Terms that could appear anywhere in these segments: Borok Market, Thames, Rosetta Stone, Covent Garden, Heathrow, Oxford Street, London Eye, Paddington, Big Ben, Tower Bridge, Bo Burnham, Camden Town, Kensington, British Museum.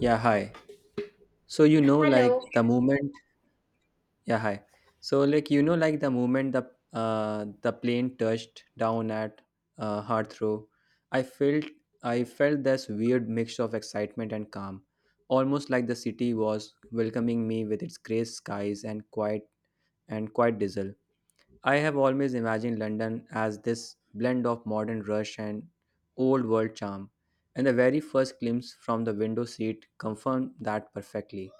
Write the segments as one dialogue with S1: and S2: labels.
S1: Yeah, hi. So you know,
S2: Hello.
S1: like the moment. Yeah, hi. So like the moment the plane touched down at Heathrow. I felt I felt this weird mix of excitement and calm, almost like the city was welcoming me with its grey skies and quiet diesel. I have always imagined London as this blend of modern rush and old world charm, and the very first glimpse from the window seat confirmed that perfectly.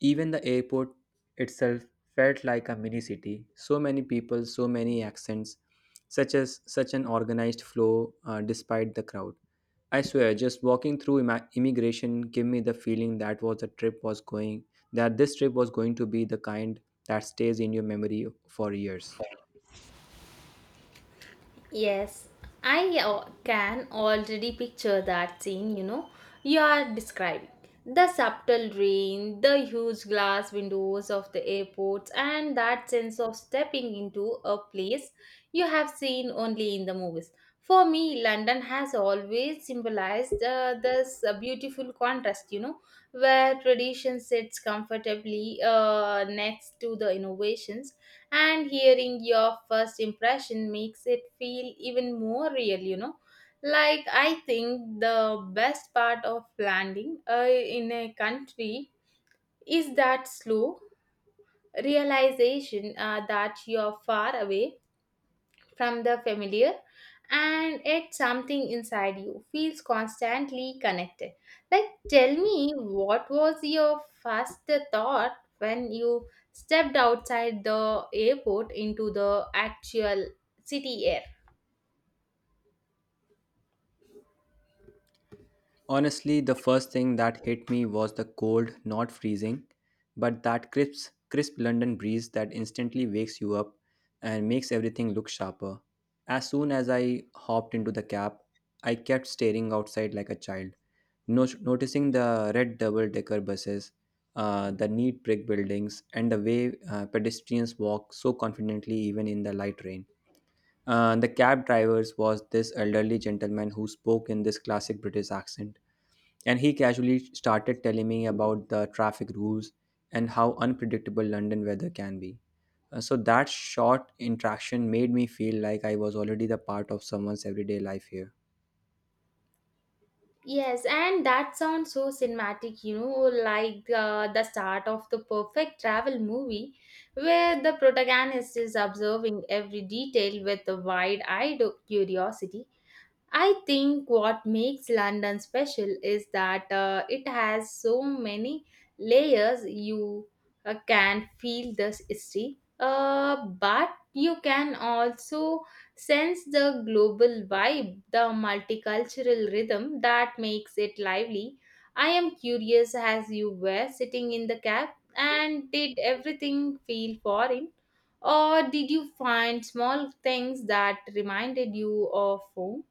S1: Even the airport itself felt like a mini city. So many people, so many accents, such an organized flow despite the crowd. I swear, just walking through immigration gave me the feeling that was the trip was going that this trip was going to be the kind that stays in your memory for years.
S2: Yes, I can already picture that scene, you know, you are describing. The subtle rain, the huge glass windows of the airports, and that sense of stepping into a place you have seen only in the movies. For me, London has always symbolized this beautiful contrast, you know, where tradition sits comfortably next to the innovations, and hearing your first impression makes it feel even more real, you know, like I think the best part of landing in a country is that slow realization that you're far away from the familiar, and yet something inside you feels constantly connected. Like, tell me, what was your first thought when you stepped outside the airport into the actual city air?
S1: Honestly, the first thing that hit me was the cold, not freezing, but that crisp London breeze that instantly wakes you up and makes everything look sharper. As soon as I hopped into the cab, I kept staring outside like a child, noticing the red double decker buses, the neat brick buildings, and the way pedestrians walk so confidently even in the light rain. The cab driver was this elderly gentleman who spoke in this classic British accent, and he casually started telling me about the traffic rules and how unpredictable London weather can be. So that short interaction made me feel like I was already the part of someone's everyday life here.
S2: Yes, and that sounds so cinematic, you know, like the start of the perfect travel movie where the protagonist is observing every detail with a wide eyed curiosity. I think what makes London special is that it has so many layers. You can feel the history, but you can also sense the global vibe, the multicultural rhythm that makes it lively. I am curious, as you were sitting in the cab, and did everything feel foreign? Or did you find small things that reminded you of home?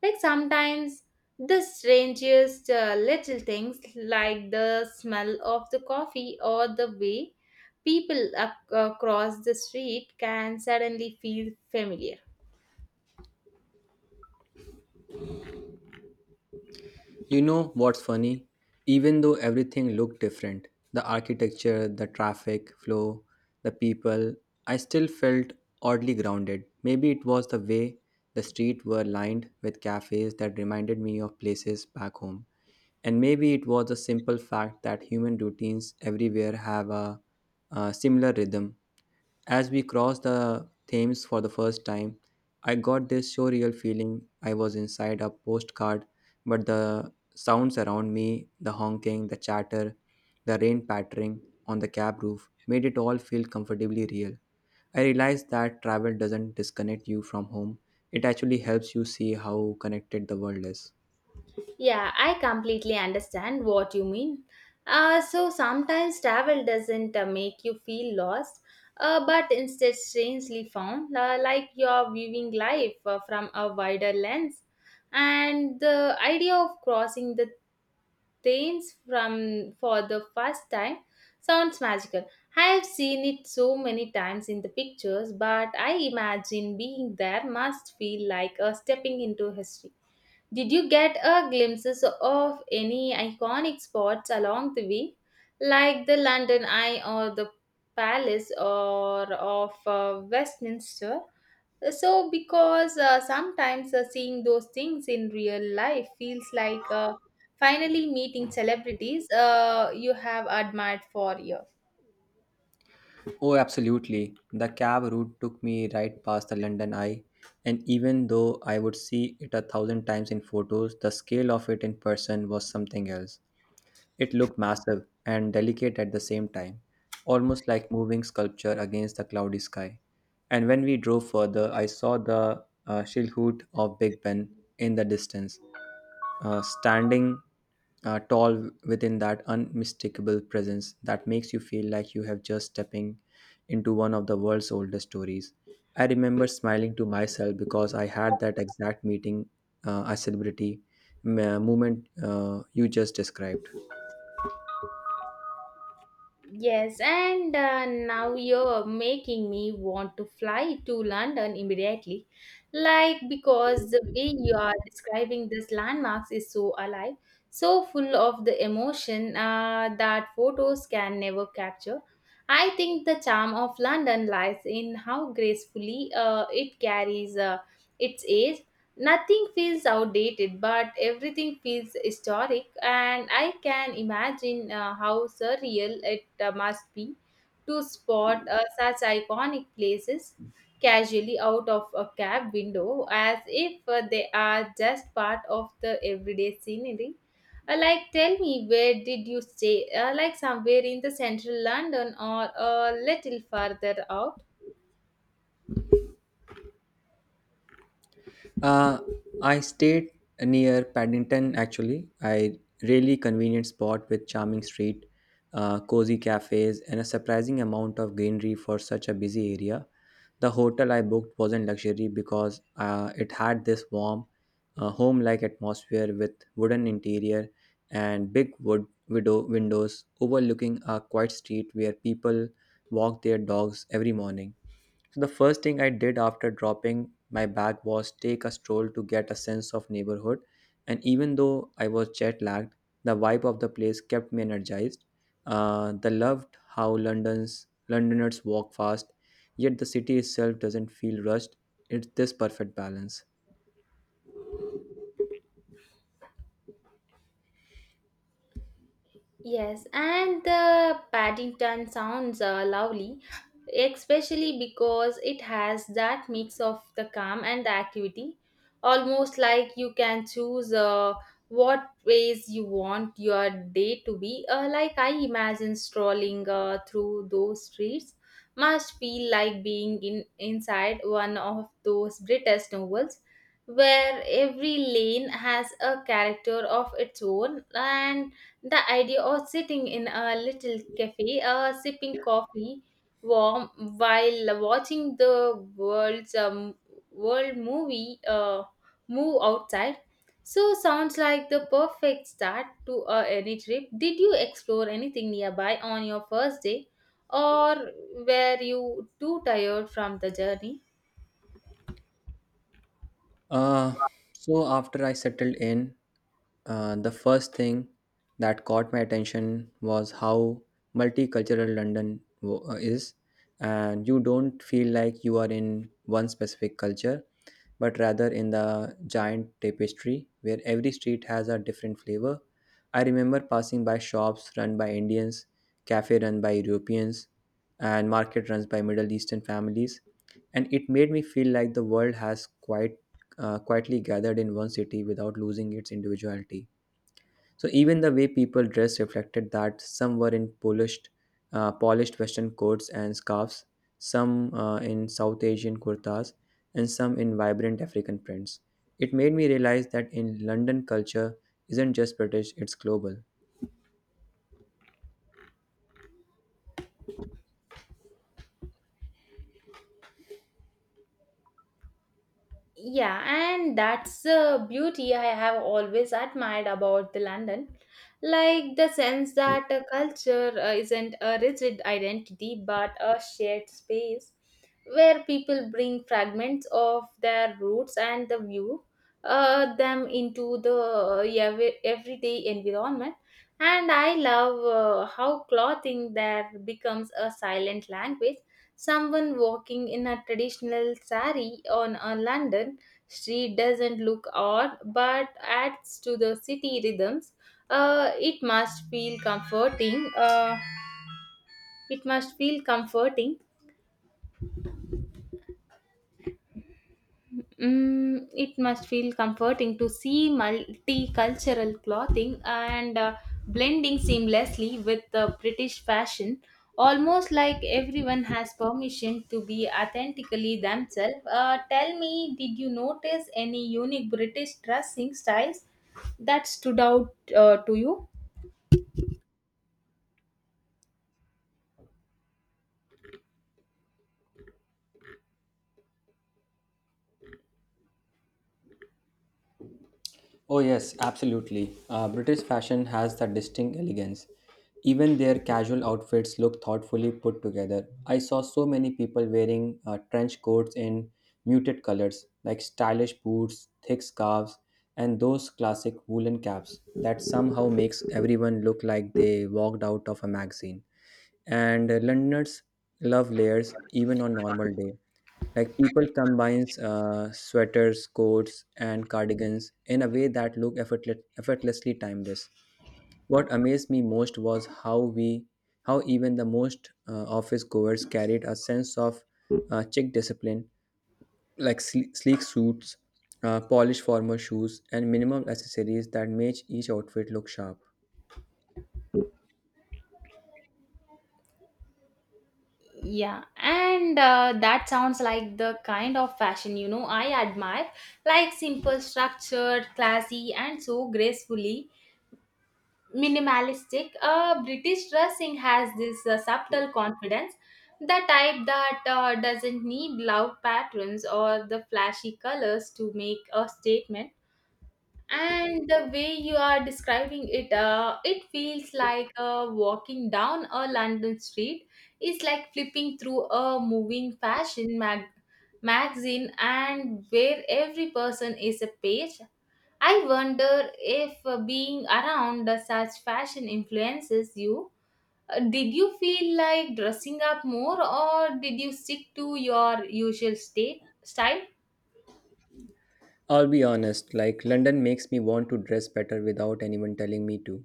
S2: Like sometimes the strangest little things, like the smell of the coffee or the way people across the street, can suddenly feel familiar.
S1: You know what's funny? Even though everything looked different, the architecture, the traffic flow, the people, I still felt oddly grounded. Maybe it was the way the streets were lined with cafes that reminded me of places back home. And maybe it was a simple fact that human routines everywhere have a, similar rhythm. As we crossed the Thames for the first time, I got this surreal feeling I was inside a postcard, but the sounds around me, the honking, the chatter, the rain pattering on the cab roof, made it all feel comfortably real. I realized that travel doesn't disconnect you from home, it actually helps you see how connected the world is.
S2: Yeah, I completely understand what you mean. So sometimes travel doesn't make you feel lost, but instead strangely found, like you're viewing life from a wider lens. And the idea of crossing the trains from for the first time sounds magical. I have seen it so many times in the pictures, but I imagine being there must feel like a stepping into history. Did you get a glimpses of any iconic spots along the way, like the London Eye or the Palace or of Westminster? So, because sometimes seeing those things in real life feels like finally meeting celebrities you have admired for years.
S1: Oh, absolutely. The cab route took me right past the London Eye, and even though I would see it a thousand times in photos, the scale of it in person was something else. It looked massive and delicate at the same time, almost like moving sculpture against the cloudy sky. And when we drove further, I saw the shilhut of Big Ben in the distance, standing tall within that unmistakable presence that makes you feel like you have just stepping into one of the world's oldest stories. I remember smiling to myself because I had that exact meeting, a celebrity moment you just described.
S2: Yes, and now you're making me want to fly to London immediately. Like, because the way you are describing these landmarks is so alive, so full of the emotion that photos can never capture. I think the charm of London lies in how gracefully it carries its age. Nothing feels outdated, but everything feels historic, and I can imagine how surreal it must be to spot such iconic places casually out of a cab window as if they are just part of the everyday scenery. Like, tell me, where did you stay? Like, somewhere in the central London or a little farther out?
S1: Uh, I stayed near Paddington actually. I really convenient spot with charming street, cozy cafes, and a surprising amount of greenery for such a busy area. The hotel I booked wasn't luxury because it had this warm, home-like atmosphere with wooden interior and big wood widow windows overlooking a quiet street where people walk their dogs every morning. So the first thing I did after dropping my bag was take a stroll to get a sense of neighborhood. And even though I was jet lagged, the vibe of the place kept me energized. The loved how London's Londoners walk fast, yet the city itself doesn't feel rushed. It's this perfect balance.
S2: Yes, and the Paddington sounds lovely, especially because it has that mix of the calm and the activity, almost like you can choose what ways you want your day to be. Like, I imagine strolling through those streets must feel like being in inside one of those British novels where every lane has a character of its own, and the idea of sitting in a little cafe, sipping coffee, warm, while watching the world's world movie move outside, so sounds like the perfect start to any trip. Did you explore anything nearby on your first day, or were you too tired from the journey?
S1: Uh, so after I settled in, the first thing that caught my attention was how multicultural London is, and you don't feel like you are in one specific culture but rather in the giant tapestry where every street has a different flavor. I remember passing by shops run by Indians, cafe run by Europeans, and market runs by Middle Eastern families, and it made me feel like the world has quite quietly gathered in one city without losing its individuality. So even the way people dress reflected that. Some were in polished Western coats and scarves, some in South Asian kurtas, and some in vibrant African prints. It made me realize that in London culture isn't just British; it's global.
S2: Yeah, and that's the beauty I have always admired about the London. Like the sense that a culture isn't a rigid identity but a shared space where people bring fragments of their roots and the view them into the everyday environment. And I love how clothing there becomes a silent language. Someone walking in a traditional sari on a London street doesn't look odd but adds to the city rhythms. It must feel comforting. It must feel comforting Mm, it must feel comforting to see multicultural clothing and blending seamlessly with the British fashion, almost like everyone has permission to be authentically themselves. Tell me, did you notice any unique British dressing styles that stood out to you?
S1: Oh, yes, absolutely. British fashion has that distinct elegance. Even their casual outfits look thoughtfully put together. I saw so many people wearing trench coats in muted colors, like stylish boots, thick scarves, and those classic woolen caps that somehow makes everyone look like they walked out of a magazine. And Londoners love layers even on normal day. Like people combines sweaters, coats, and cardigans in a way that look effortlessly timeless. What amazed me most was how even the most office goers carried a sense of chic discipline, like sleek suits, polished formal shoes, and minimal accessories that made each outfit look sharp.
S2: Yeah, and that sounds like the kind of fashion, you know, I admire, like simple, structured, classy, and so gracefully minimalistic. British dressing has this subtle confidence, the type that doesn't need loud patterns or the flashy colors to make a statement. And the way you are describing it, it feels like walking down a London street is like flipping through a moving magazine, and where every person is a page. I wonder if being around such fashion influences you. Did you feel like dressing up more, or did you stick to your usual state style?
S1: I'll be honest, like London makes me want to dress better without anyone telling me to.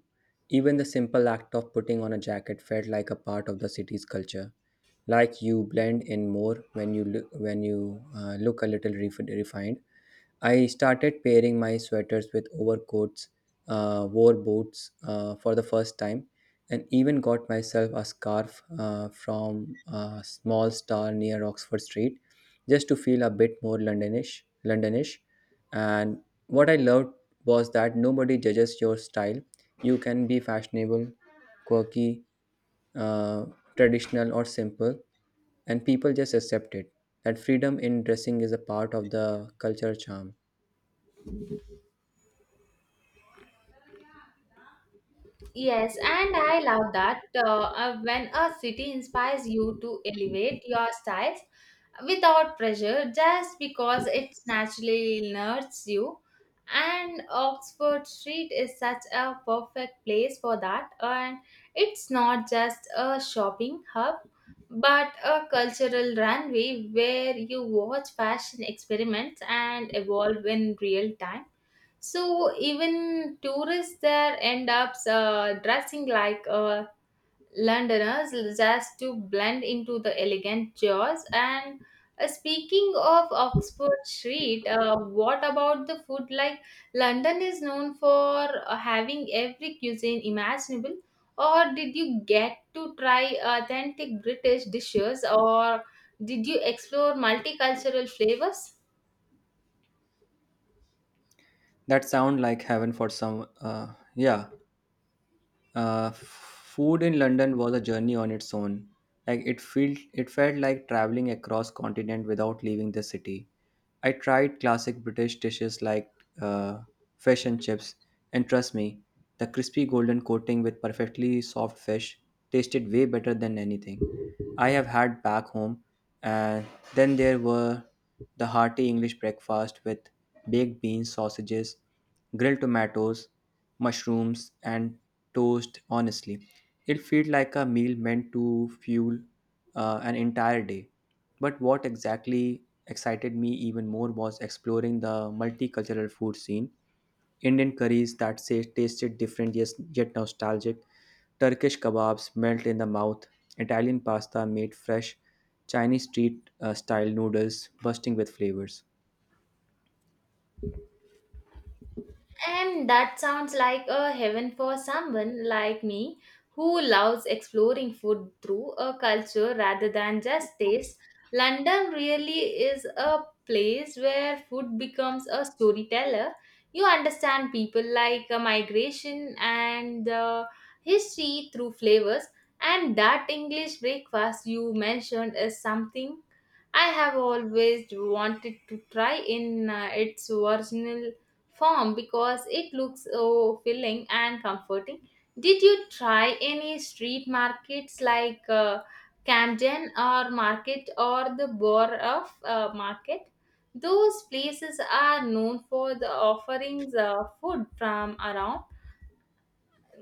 S1: Even the simple act of putting on a jacket felt like a part of the city's culture. Like you blend in more when you look a little refined. I started pairing my sweaters with overcoats, wore boots for the first time, and even got myself a scarf from a small store near Oxford Street just to feel a bit more Londonish. Londonish. And what I loved was that nobody judges your style. You can be fashionable, quirky, uh, traditional, or simple, and people just accept it. That freedom in dressing is a part of the culture charm.
S2: Yes, and I love that when a city inspires you to elevate your styles without pressure just because it naturally nurtures you. And Oxford Street is such a perfect place for that. And it's not just a shopping hub, but a cultural runway where you watch fashion experiments and evolve in real time. So even tourists there end up dressing like Londoners just to blend into the elegant jaws. And speaking of Oxford Street, what about the food? Like London is known for having every cuisine imaginable. Or did you get to try authentic British dishes, or did you explore multicultural flavors?
S1: That sound like heaven for some. Yeah, food in London was a journey on its own. Like it felt like traveling across continent without leaving the city. I tried classic British dishes like uh, fish and chips, and trust me, the crispy golden coating with perfectly soft fish tasted way better than anything I have had back home, and then there were the hearty English breakfast with baked beans, sausages, grilled tomatoes, mushrooms, and toast. Honestly, it felt like a meal meant to fuel an entire day. But what exactly excited me even more was exploring the multicultural food scene. Indian curries that say tasted different yet nostalgic, Turkish kebabs melt in the mouth, Italian pasta made fresh, Chinese street style noodles bursting with flavors.
S2: And that sounds like a heaven for someone like me who loves exploring food through a culture rather than just taste. London really is a place where food becomes a storyteller. You understand people like a migration and the history through flavors. And that English breakfast you mentioned is something I have always wanted to try in its original form because it looks so filling and comforting. Did you try any street markets like Camden or Market or the Borough Market? Those places are known for the offerings of food from around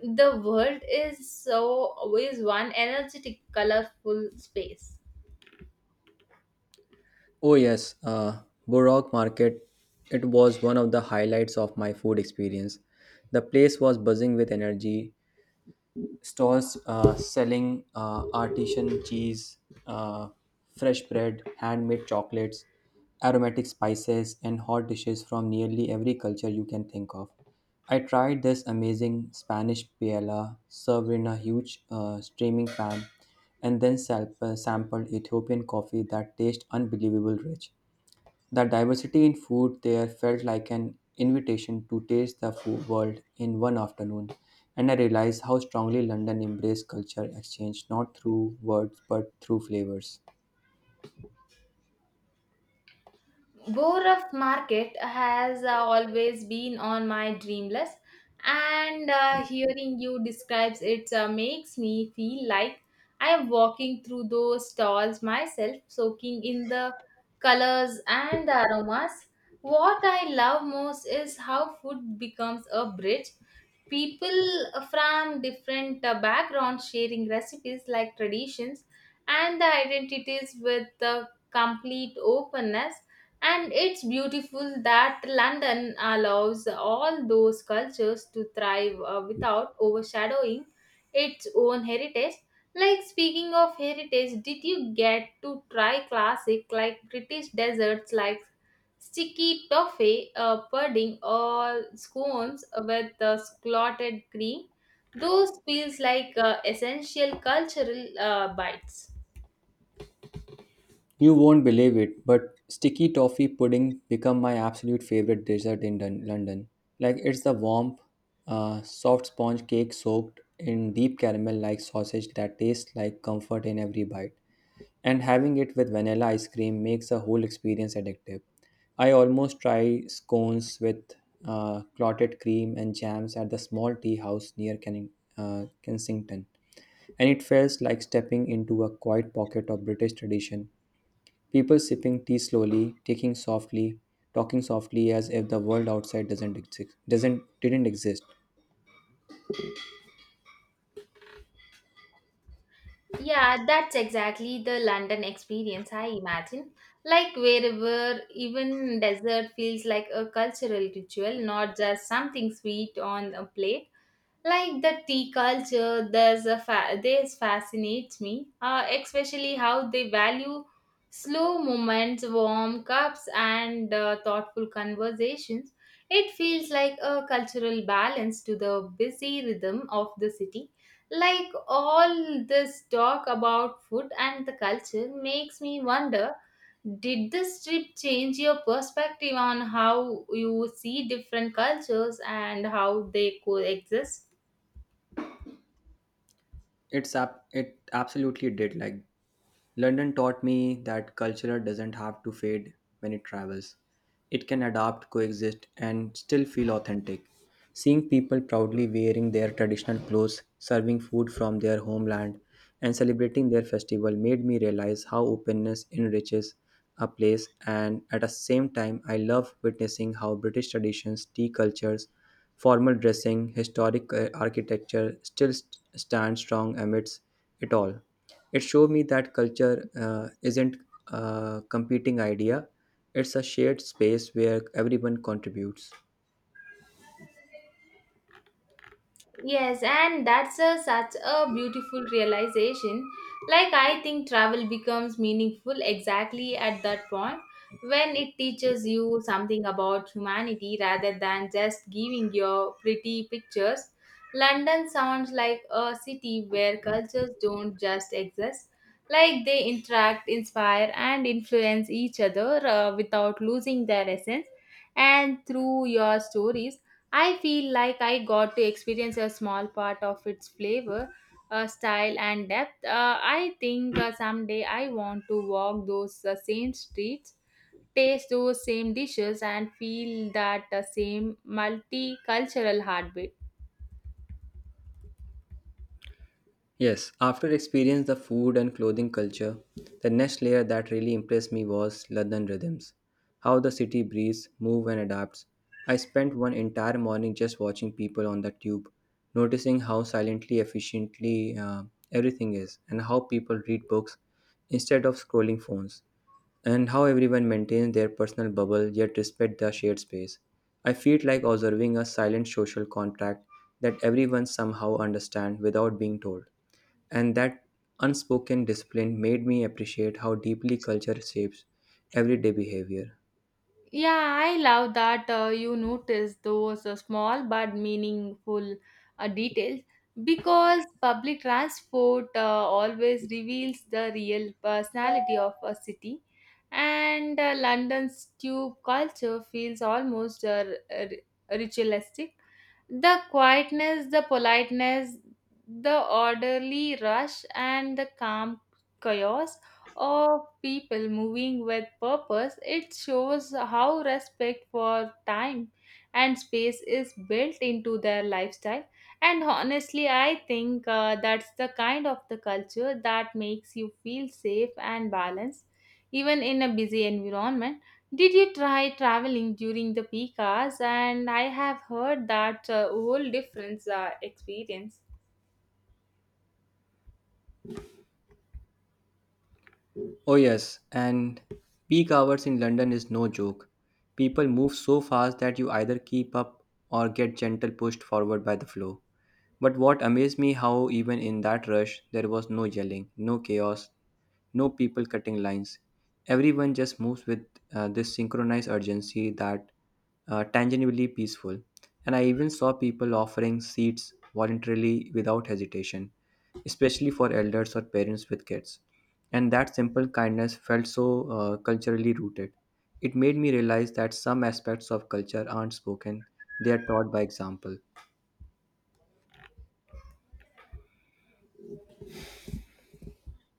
S2: the world is so is one energetic colorful space.
S1: Oh yes, Borok Market. It was one of the highlights of my food experience. The place was buzzing with energy, stores selling artisan cheese, uh, fresh bread, handmade chocolates, aromatic spices, and hot dishes from nearly every culture you can think of. I tried this amazing Spanish paella served in a huge steaming pan and then sampled Ethiopian coffee that tastes unbelievable rich. The diversity in food there felt like an invitation to taste the food world in one afternoon, and I realized how strongly London embraced culture exchange not through words but through flavors.
S2: Borough Market has always been on my dream list, and hearing you describe it makes me feel like I am walking through those stalls myself, soaking in the colors and the aromas. What I love most is how food becomes a bridge, people from different backgrounds sharing recipes like traditions and the identities with the complete openness, and it's beautiful that london allows all those cultures to thrive without overshadowing its own heritage. Like, speaking of heritage, did you get to try classic like british desserts like sticky toffee, pudding, or scones with clotted cream? Those feels like essential cultural bites.
S1: You won't believe it, but sticky toffee pudding become my absolute favorite dessert in London. Like it's the warm, soft sponge cake soaked in deep caramel-like sausage that tastes like comfort in every bite, and having it with vanilla ice cream makes the whole experience addictive. I almost try scones with clotted cream and jams at the small tea house near Kensington, and it feels like stepping into a quiet pocket of British tradition. People sipping tea slowly, taking softly, talking softly as if the world outside doesn't didn't exist.
S2: Yeah, that's exactly the London experience, I imagine. Like wherever even dessert feels like a cultural ritual, not just something sweet on a plate. Like, the tea culture there's a this fascinates me, especially how they value slow moments, warm cups, and thoughtful conversations. It feels like a cultural balance to the busy rhythm of the city. Like, all this talk about food and the culture makes me wonder, did this trip change your perspective on how you see different cultures and how they coexist?
S1: It absolutely did. Like London taught me that culture doesn't have to fade when it travels. It can adapt, coexist, and still feel authentic. Seeing people proudly wearing their traditional clothes, serving food from their homeland, and celebrating their festival made me realize how openness enriches a place. And at the same time, I love witnessing how British traditions, tea cultures, formal dressing, historic architecture still stand strong amidst it all. It showed me that culture isn't a competing idea, it's a shared space where everyone contributes.
S2: Yes, and that's a, such a beautiful realization. Like, I think travel becomes meaningful exactly at that point when it teaches you something about humanity rather than just giving your pretty pictures. London sounds like a city where cultures don't just exist, like, they interact, inspire, and influence each other without losing their essence. And through your stories, I feel like I got to experience a small part of its flavor, style, and depth. I think someday I want to walk those same streets, taste those same dishes, and feel that same multicultural heartbeat.
S1: Yes, after experience the food and clothing culture, the next layer that really impressed me was London rhythms, how the city breathes, move and adapts. I spent one entire morning just watching people on the tube, noticing how silently efficiently everything is, and how people read books instead of scrolling phones, and how everyone maintains their personal bubble yet respect the shared space. I feel like observing a silent social contract that everyone somehow understands without being told, and that unspoken discipline made me appreciate how deeply culture shapes everyday behavior.
S2: Yeah, I love that you notice those small but meaningful details, because public transport always reveals the real personality of a city, and London's tube culture feels almost r- ritualistic, the quietness, the politeness, the orderly rush, and the calm chaos of people moving with purpose. It shows how respect for time and space is built into their lifestyle. And honestly, I think that's the kind of the culture that makes you feel safe and balanced, even in a busy environment. Did you try traveling during the peak hours? And I have heard that a whole different experience.
S1: Oh, yes, and peak hours in London is no joke. People move so fast that you either keep up or get gentle pushed forward by the flow. But what amazed me how even in that rush there was no yelling, no chaos, no people cutting lines. Everyone just moves with this synchronized urgency that tangibly peaceful. And I even saw people offering seats voluntarily without hesitation, especially for elders or parents with kids. And that simple kindness felt so culturally rooted. It made me realize that some aspects of culture aren't spoken, they are taught by example.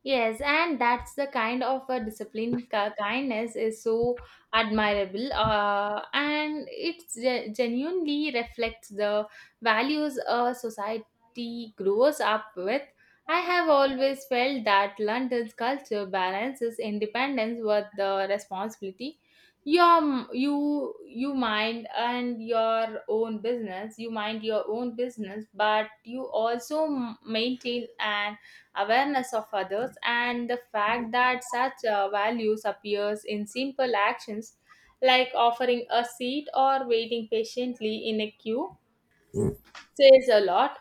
S2: Yes, and that's the kind of a discipline kindness is so admirable, and it genuinely reflects the values a society grows up with. I have always felt that London's culture balances independence with the responsibility. Your you mind and your own business. You mind your own business, but you also maintain an awareness of others, and the fact that such values appears in simple actions like offering a seat or waiting patiently in a queue says a lot.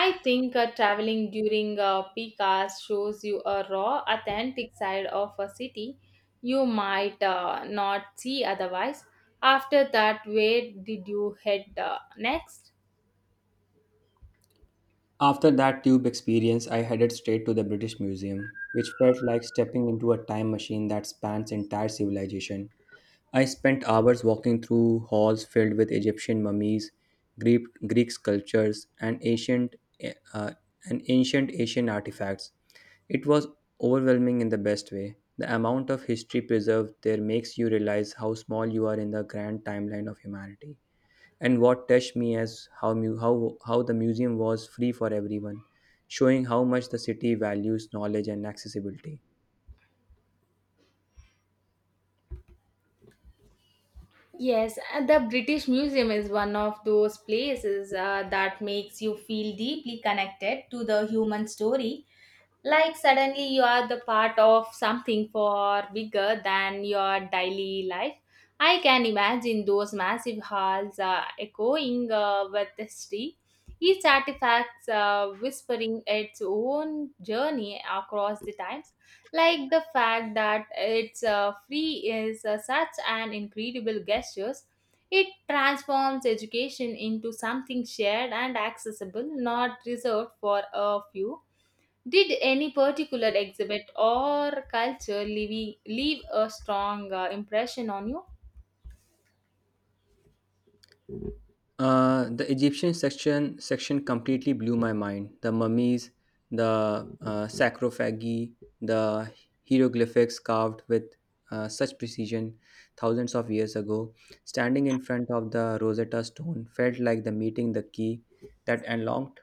S2: I think traveling during peak hours shows you a raw authentic side of a city you might not see otherwise. After that, where did you head next?
S1: After that tube experience, I headed straight to the British Museum, which felt like stepping into a time machine that spans entire civilization. I spent hours walking through halls filled with Egyptian mummies, Greek sculptures, and uh, ancient Asian artifacts. It was overwhelming in the best way. The amount of history preserved there makes you realize how small you are in the grand timeline of humanity. And what touched me is how the museum was free for everyone, showing how much the city values knowledge and accessibility.
S2: Yes, and the British Museum is one of those places that makes you feel deeply connected to the human story, like suddenly you are the part of something far bigger than your daily life. I can imagine those massive halls echoing with history, each artifact whispering its own journey across the times. Like the fact that it's free is such an incredible gesture. It transforms education into something shared and accessible, not reserved for a few. Did any particular exhibit or culture leave a strong impression on you?
S1: The Egyptian section completely blew my mind. The mummies, the sarcophagi, the hieroglyphics carved with such precision thousands of years ago, standing in front of the Rosetta Stone felt like the meeting the key that unlocked.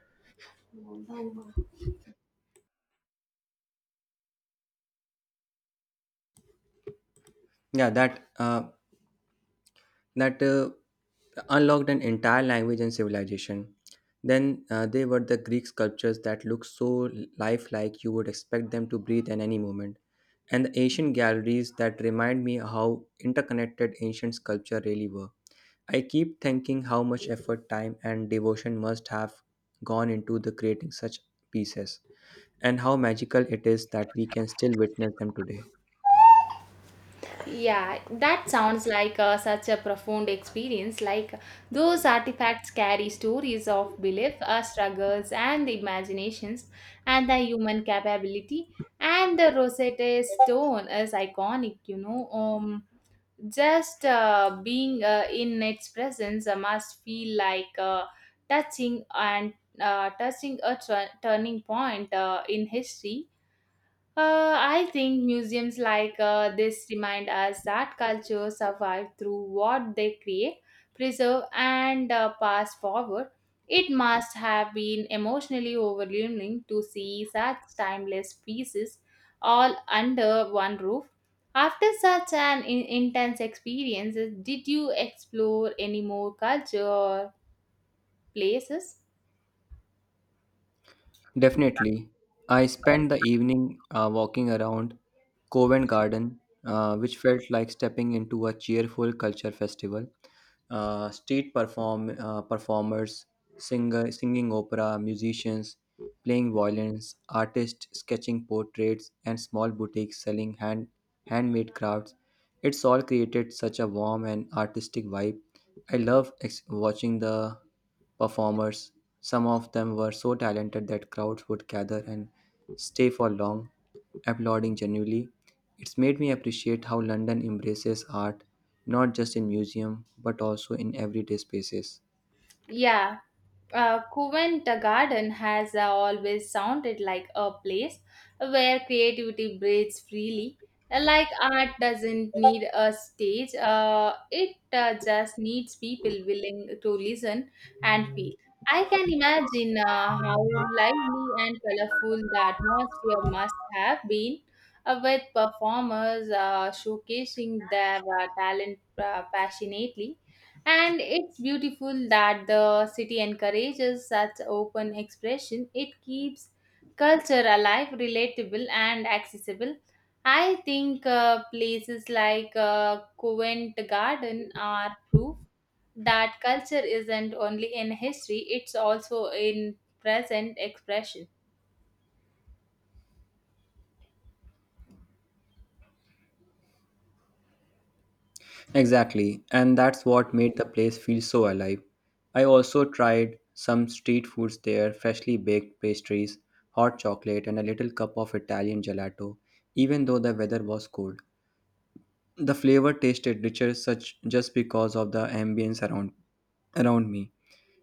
S1: Yeah, that that unlocked an entire language and civilization. Then they were the Greek sculptures that look so lifelike you would expect them to breathe in any moment, and the ancient galleries that remind me how interconnected ancient sculpture really were. I keep thinking how much effort, time, and devotion must have gone into the creating such pieces, and how magical it is that we can still witness them today.
S2: Yeah, that sounds like such a profound experience. Like those artifacts carry stories of belief, struggles, and the imaginations, and the human capability. And the Rosetta Stone is iconic, you know. Just being in its presence must feel like touching and touching a turning point in history. I think museums like this remind us that culture survive through what they create, preserve, and pass forward. It must have been emotionally overwhelming to see such timeless pieces all under one roof. After such an intense experience, did you explore any more culture or places?
S1: Definitely. I spent the evening walking around Covent Garden, which felt like stepping into a cheerful culture festival. Street performers, singing opera, musicians playing violins, artists sketching portraits, and small boutiques selling handmade crafts. It's all created such a warm and artistic vibe. I love watching the performers. Some of them were so talented that crowds would gather and stay for long, applauding genuinely. It's made me appreciate how London embraces art, not just in museum, but also in everyday spaces.
S2: Yeah. Covent Garden has always sounded like a place where creativity breathes freely. Like art doesn't need a stage, it just needs people willing to listen and feel. I can imagine how lively and colorful the atmosphere must have been with performers showcasing their talent passionately. And it's beautiful that the city encourages such open expression. It keeps culture alive, relatable, and accessible. I think places like Covent Garden are proof that culture isn't only in history, it's also in present expression.
S1: Exactly, and that's what made the place feel so alive. I also tried some street foods there, freshly baked pastries, hot chocolate, and a little cup of Italian gelato, even though the weather was cold. The flavor tasted richer such just because of the ambience around me.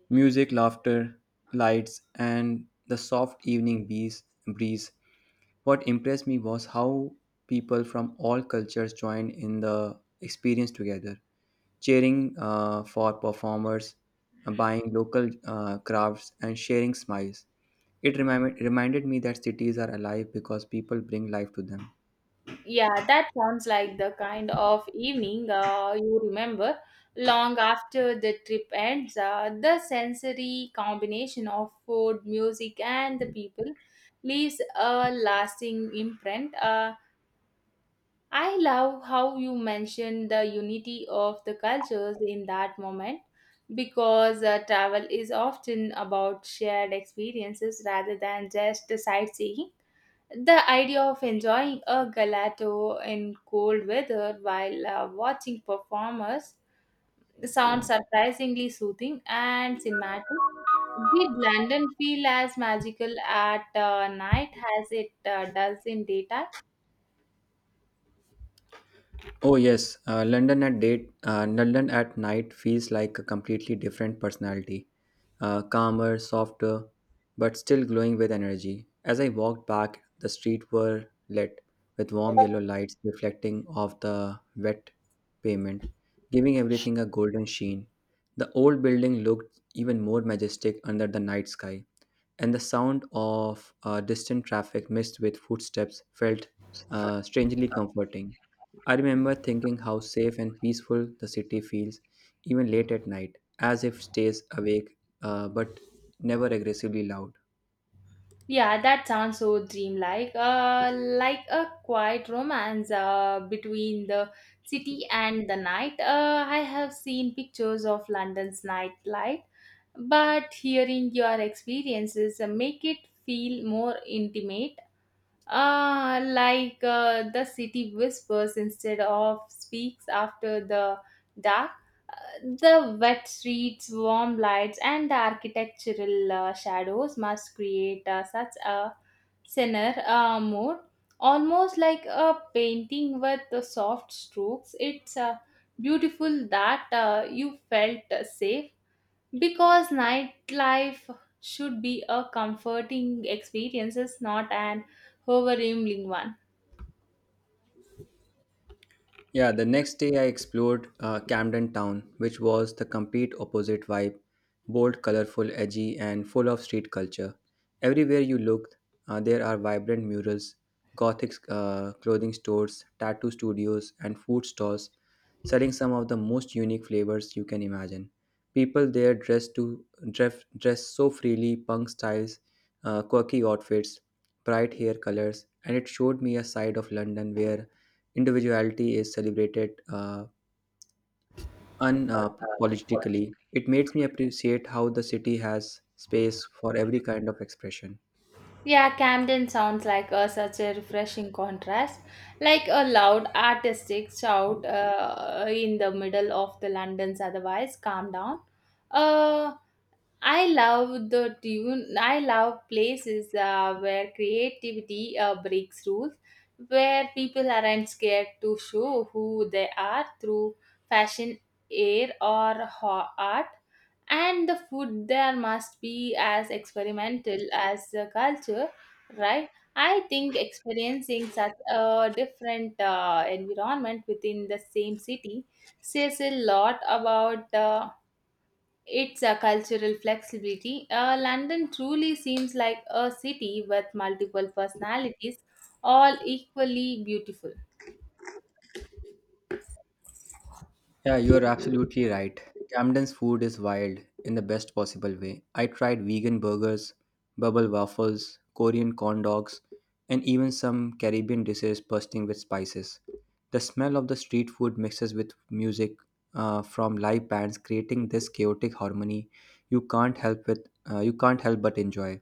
S1: Music, laughter, lights, and the soft evening breeze. What impressed me was how people from all cultures joined in the experience together, cheering for performers, buying local crafts, and sharing smiles. It reminded me that cities are alive because people bring life to them.
S2: Yeah, that sounds like the kind of evening you remember long after the trip ends. The sensory combination of food, music, and the people leaves a lasting imprint. I love how you mentioned the unity of the cultures in that moment because travel is often about shared experiences rather than just sightseeing. The idea of enjoying a gelato in cold weather while watching performers sounds surprisingly soothing and cinematic. Did London feel as magical at night as it does in daytime?
S1: Oh yes, London at night feels like a completely different personality, calmer, softer, but still glowing with energy. As I walked back, the streets were lit with warm yellow lights reflecting off the wet pavement, giving everything a golden sheen. The old building looked even more majestic under the night sky and the sound of distant traffic mixed with footsteps felt strangely comforting. I remember thinking how safe and peaceful the city feels, even late at night, as if stays awake but never aggressively loud.
S2: Yeah, that sounds so dreamlike, like a quiet romance between the city and the night. I have seen pictures of London's nightlife, but hearing your experiences make it feel more intimate. The city whispers instead of speaks after the dark. Uh, the wet streets, warm lights, and the architectural shadows must create such a thinner mood, almost like a painting with the soft strokes. It's beautiful that you felt safe, because nightlife should be a comforting experience, not an overwhelming one.
S1: Yeah, the next day I explored Camden Town, which was the complete opposite vibe bold, colorful, edgy, and full of street culture. Everywhere you looked, there are vibrant murals, gothic clothing stores, tattoo studios, and food stalls selling some of the most unique flavors you can imagine. People there dress so freely, punk styles, quirky outfits, bright hair colors, and it showed me a side of London where individuality is celebrated unapologetically, it makes me appreciate how the city has space for every kind of expression.
S2: Yeah, Camden sounds like such a refreshing contrast, like a loud artistic shout in the middle of the London's otherwise calm down. A I love the tune. I love places where creativity breaks rules, where people aren't scared to show who they are through fashion, air, or art. And the food there must be as experimental as the culture, right? I think experiencing such a different environment within the same city says a lot about. It's a cultural flexibility. London truly seems like a city with multiple personalities, all equally beautiful.
S1: Yeah, you're absolutely right. Camden's food is wild in the best possible way. I tried vegan burgers, bubble waffles, Korean corn dogs, and even some Caribbean dishes bursting with spices. The smell of the street food mixes with music from live bands, creating this chaotic harmony you can't help but enjoy.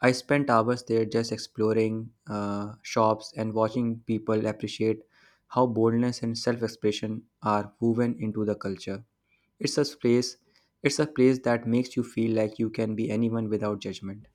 S1: I spent hours there just exploring shops and watching people appreciate how boldness and self-expression are woven into the culture. It's a place. It's a place that makes you feel like you can be anyone without judgment.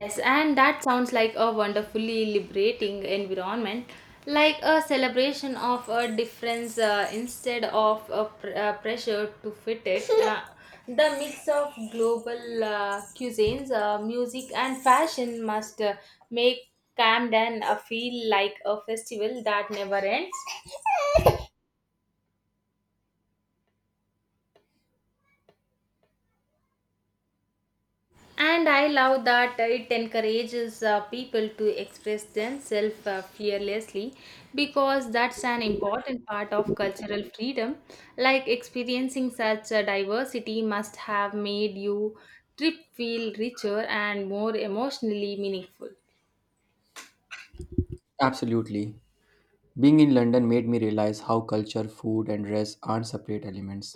S2: Yes, and that sounds like a wonderfully liberating environment, like a celebration of a difference instead of a pressure to fit it. The mix of global cuisines, music, and fashion must make Camden feel like a festival that never ends. And I love that it encourages people to express themselves fearlessly because that's an important part of cultural freedom. Like experiencing such a diversity must have made you trip feel richer and more emotionally meaningful.
S1: Absolutely. Being in London made me realize how culture, food, and dress aren't separate elements.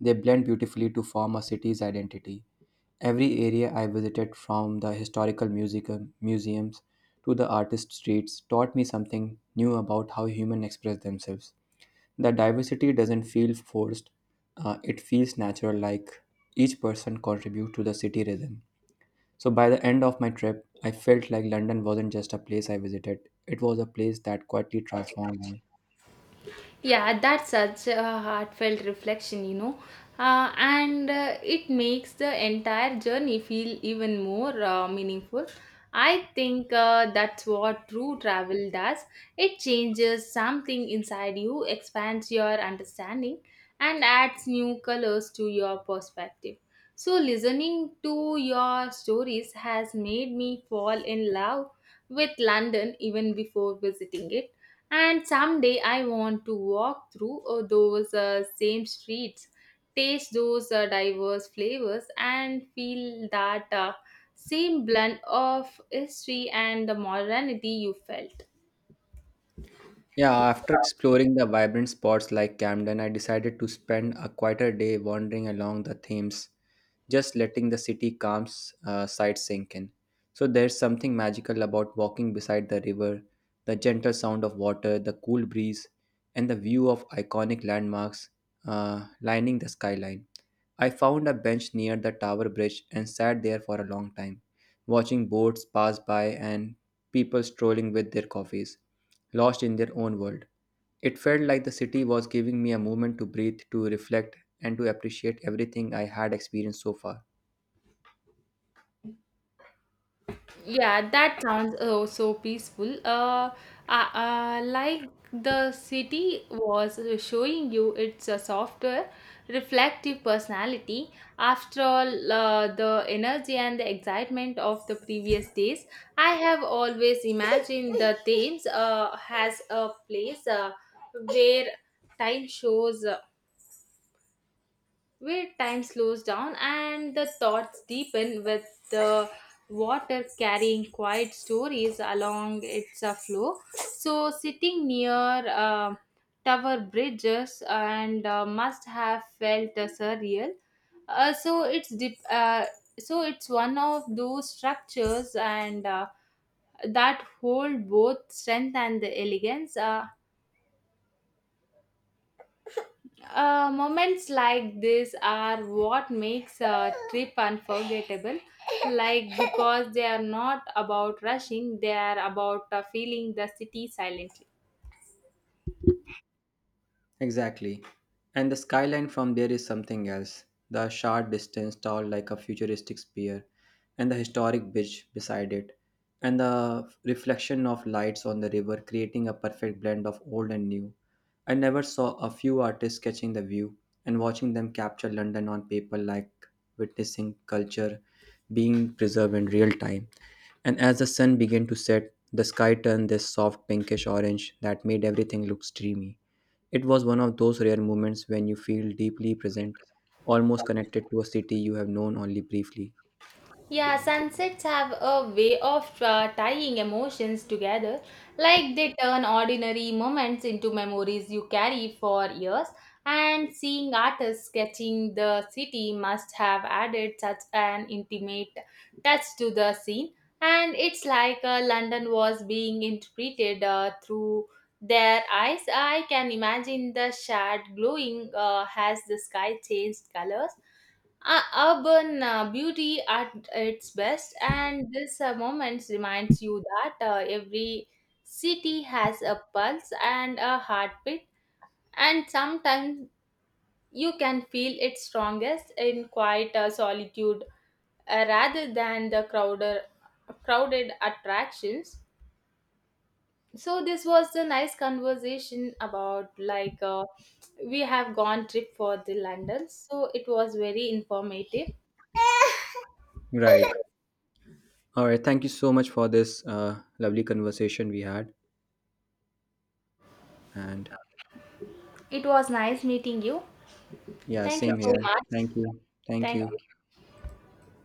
S1: They blend beautifully to form a city's identity. Every area I visited, from the museums to the artist streets, taught me something new about how humans express themselves. The diversity doesn't feel forced, it feels natural, like each person contributes to the city rhythm. So, by the end of my trip, I felt like London wasn't just a place I visited, it was a place that quietly transformed me.
S2: Yeah, that's such a heartfelt reflection, you know. And It makes the entire journey feel even more meaningful. I think that's what true travel does. It changes something inside you, expands your understanding, and adds new colors to your perspective. So, listening to your stories has made me fall in love with London even before visiting it, and someday I want to walk through those same streets, taste those diverse flavors, and feel that same blend of history and the modernity you felt.
S1: Yeah, after exploring the vibrant spots like Camden, I decided to spend a quieter day wandering along the Thames, just letting the city calm sight sink in. So there's something magical about walking beside the river, the gentle sound of water, the cool breeze, and the view of iconic landmarks lining the skyline. I found a bench near the Tower Bridge and sat there for a long time, watching boats pass by and people strolling with their coffees, lost in their own world. It felt like the city was giving me a moment to breathe, to reflect, and to appreciate everything I had experienced so far.
S2: Yeah, that sounds, oh, so peaceful. Like the city was showing you its softer, reflective personality. After all, the energy and the excitement of the previous days, I have always imagined the Thames has a place where time shows uh, where time slows down and the thoughts deepen with the water carrying quiet stories along its flow. So, sitting near tower bridges and must have felt surreal. Uh, so it's dip, uh, so it's one of those structures and that hold both strength and the elegance. Moments like this are what makes a trip unforgettable. Like because they are not about rushing, they are about feeling the city silently.
S1: Exactly. And the skyline from there is something else. The short distance tall like a futuristic spear, and the historic bridge beside it, and the reflection of lights on the river creating a perfect blend of old and new. I never saw a few artists sketching the view and watching them capture London on paper like witnessing culture being preserved in real time. And as the sun began to set, the sky turned this soft pinkish orange that made everything look dreamy. It was one of those rare moments when you feel deeply present, almost connected to a city you have known only briefly.
S2: Yeah, sunsets have a way of tying emotions together, like they turn ordinary moments into memories you carry for years. And seeing artists sketching the city must have added such an intimate touch to the scene. And it's like London was being interpreted through their eyes. I can imagine the shard glowing as the sky changed colors, urban beauty at its best, and this moment reminds you that every city has a pulse and a heartbeat, and sometimes you can feel its strongest in quiet solitude rather than the crowded attractions. So this was the nice conversation about, like, we have gone trip for the London. So it was very informative.
S1: Right. All right. Thank you so much for this lovely conversation we had. And
S2: It was nice meeting you.
S1: yeah, same
S2: You so
S1: here.
S2: much.
S1: Thank you. Thank
S2: Thank
S1: you.
S2: you.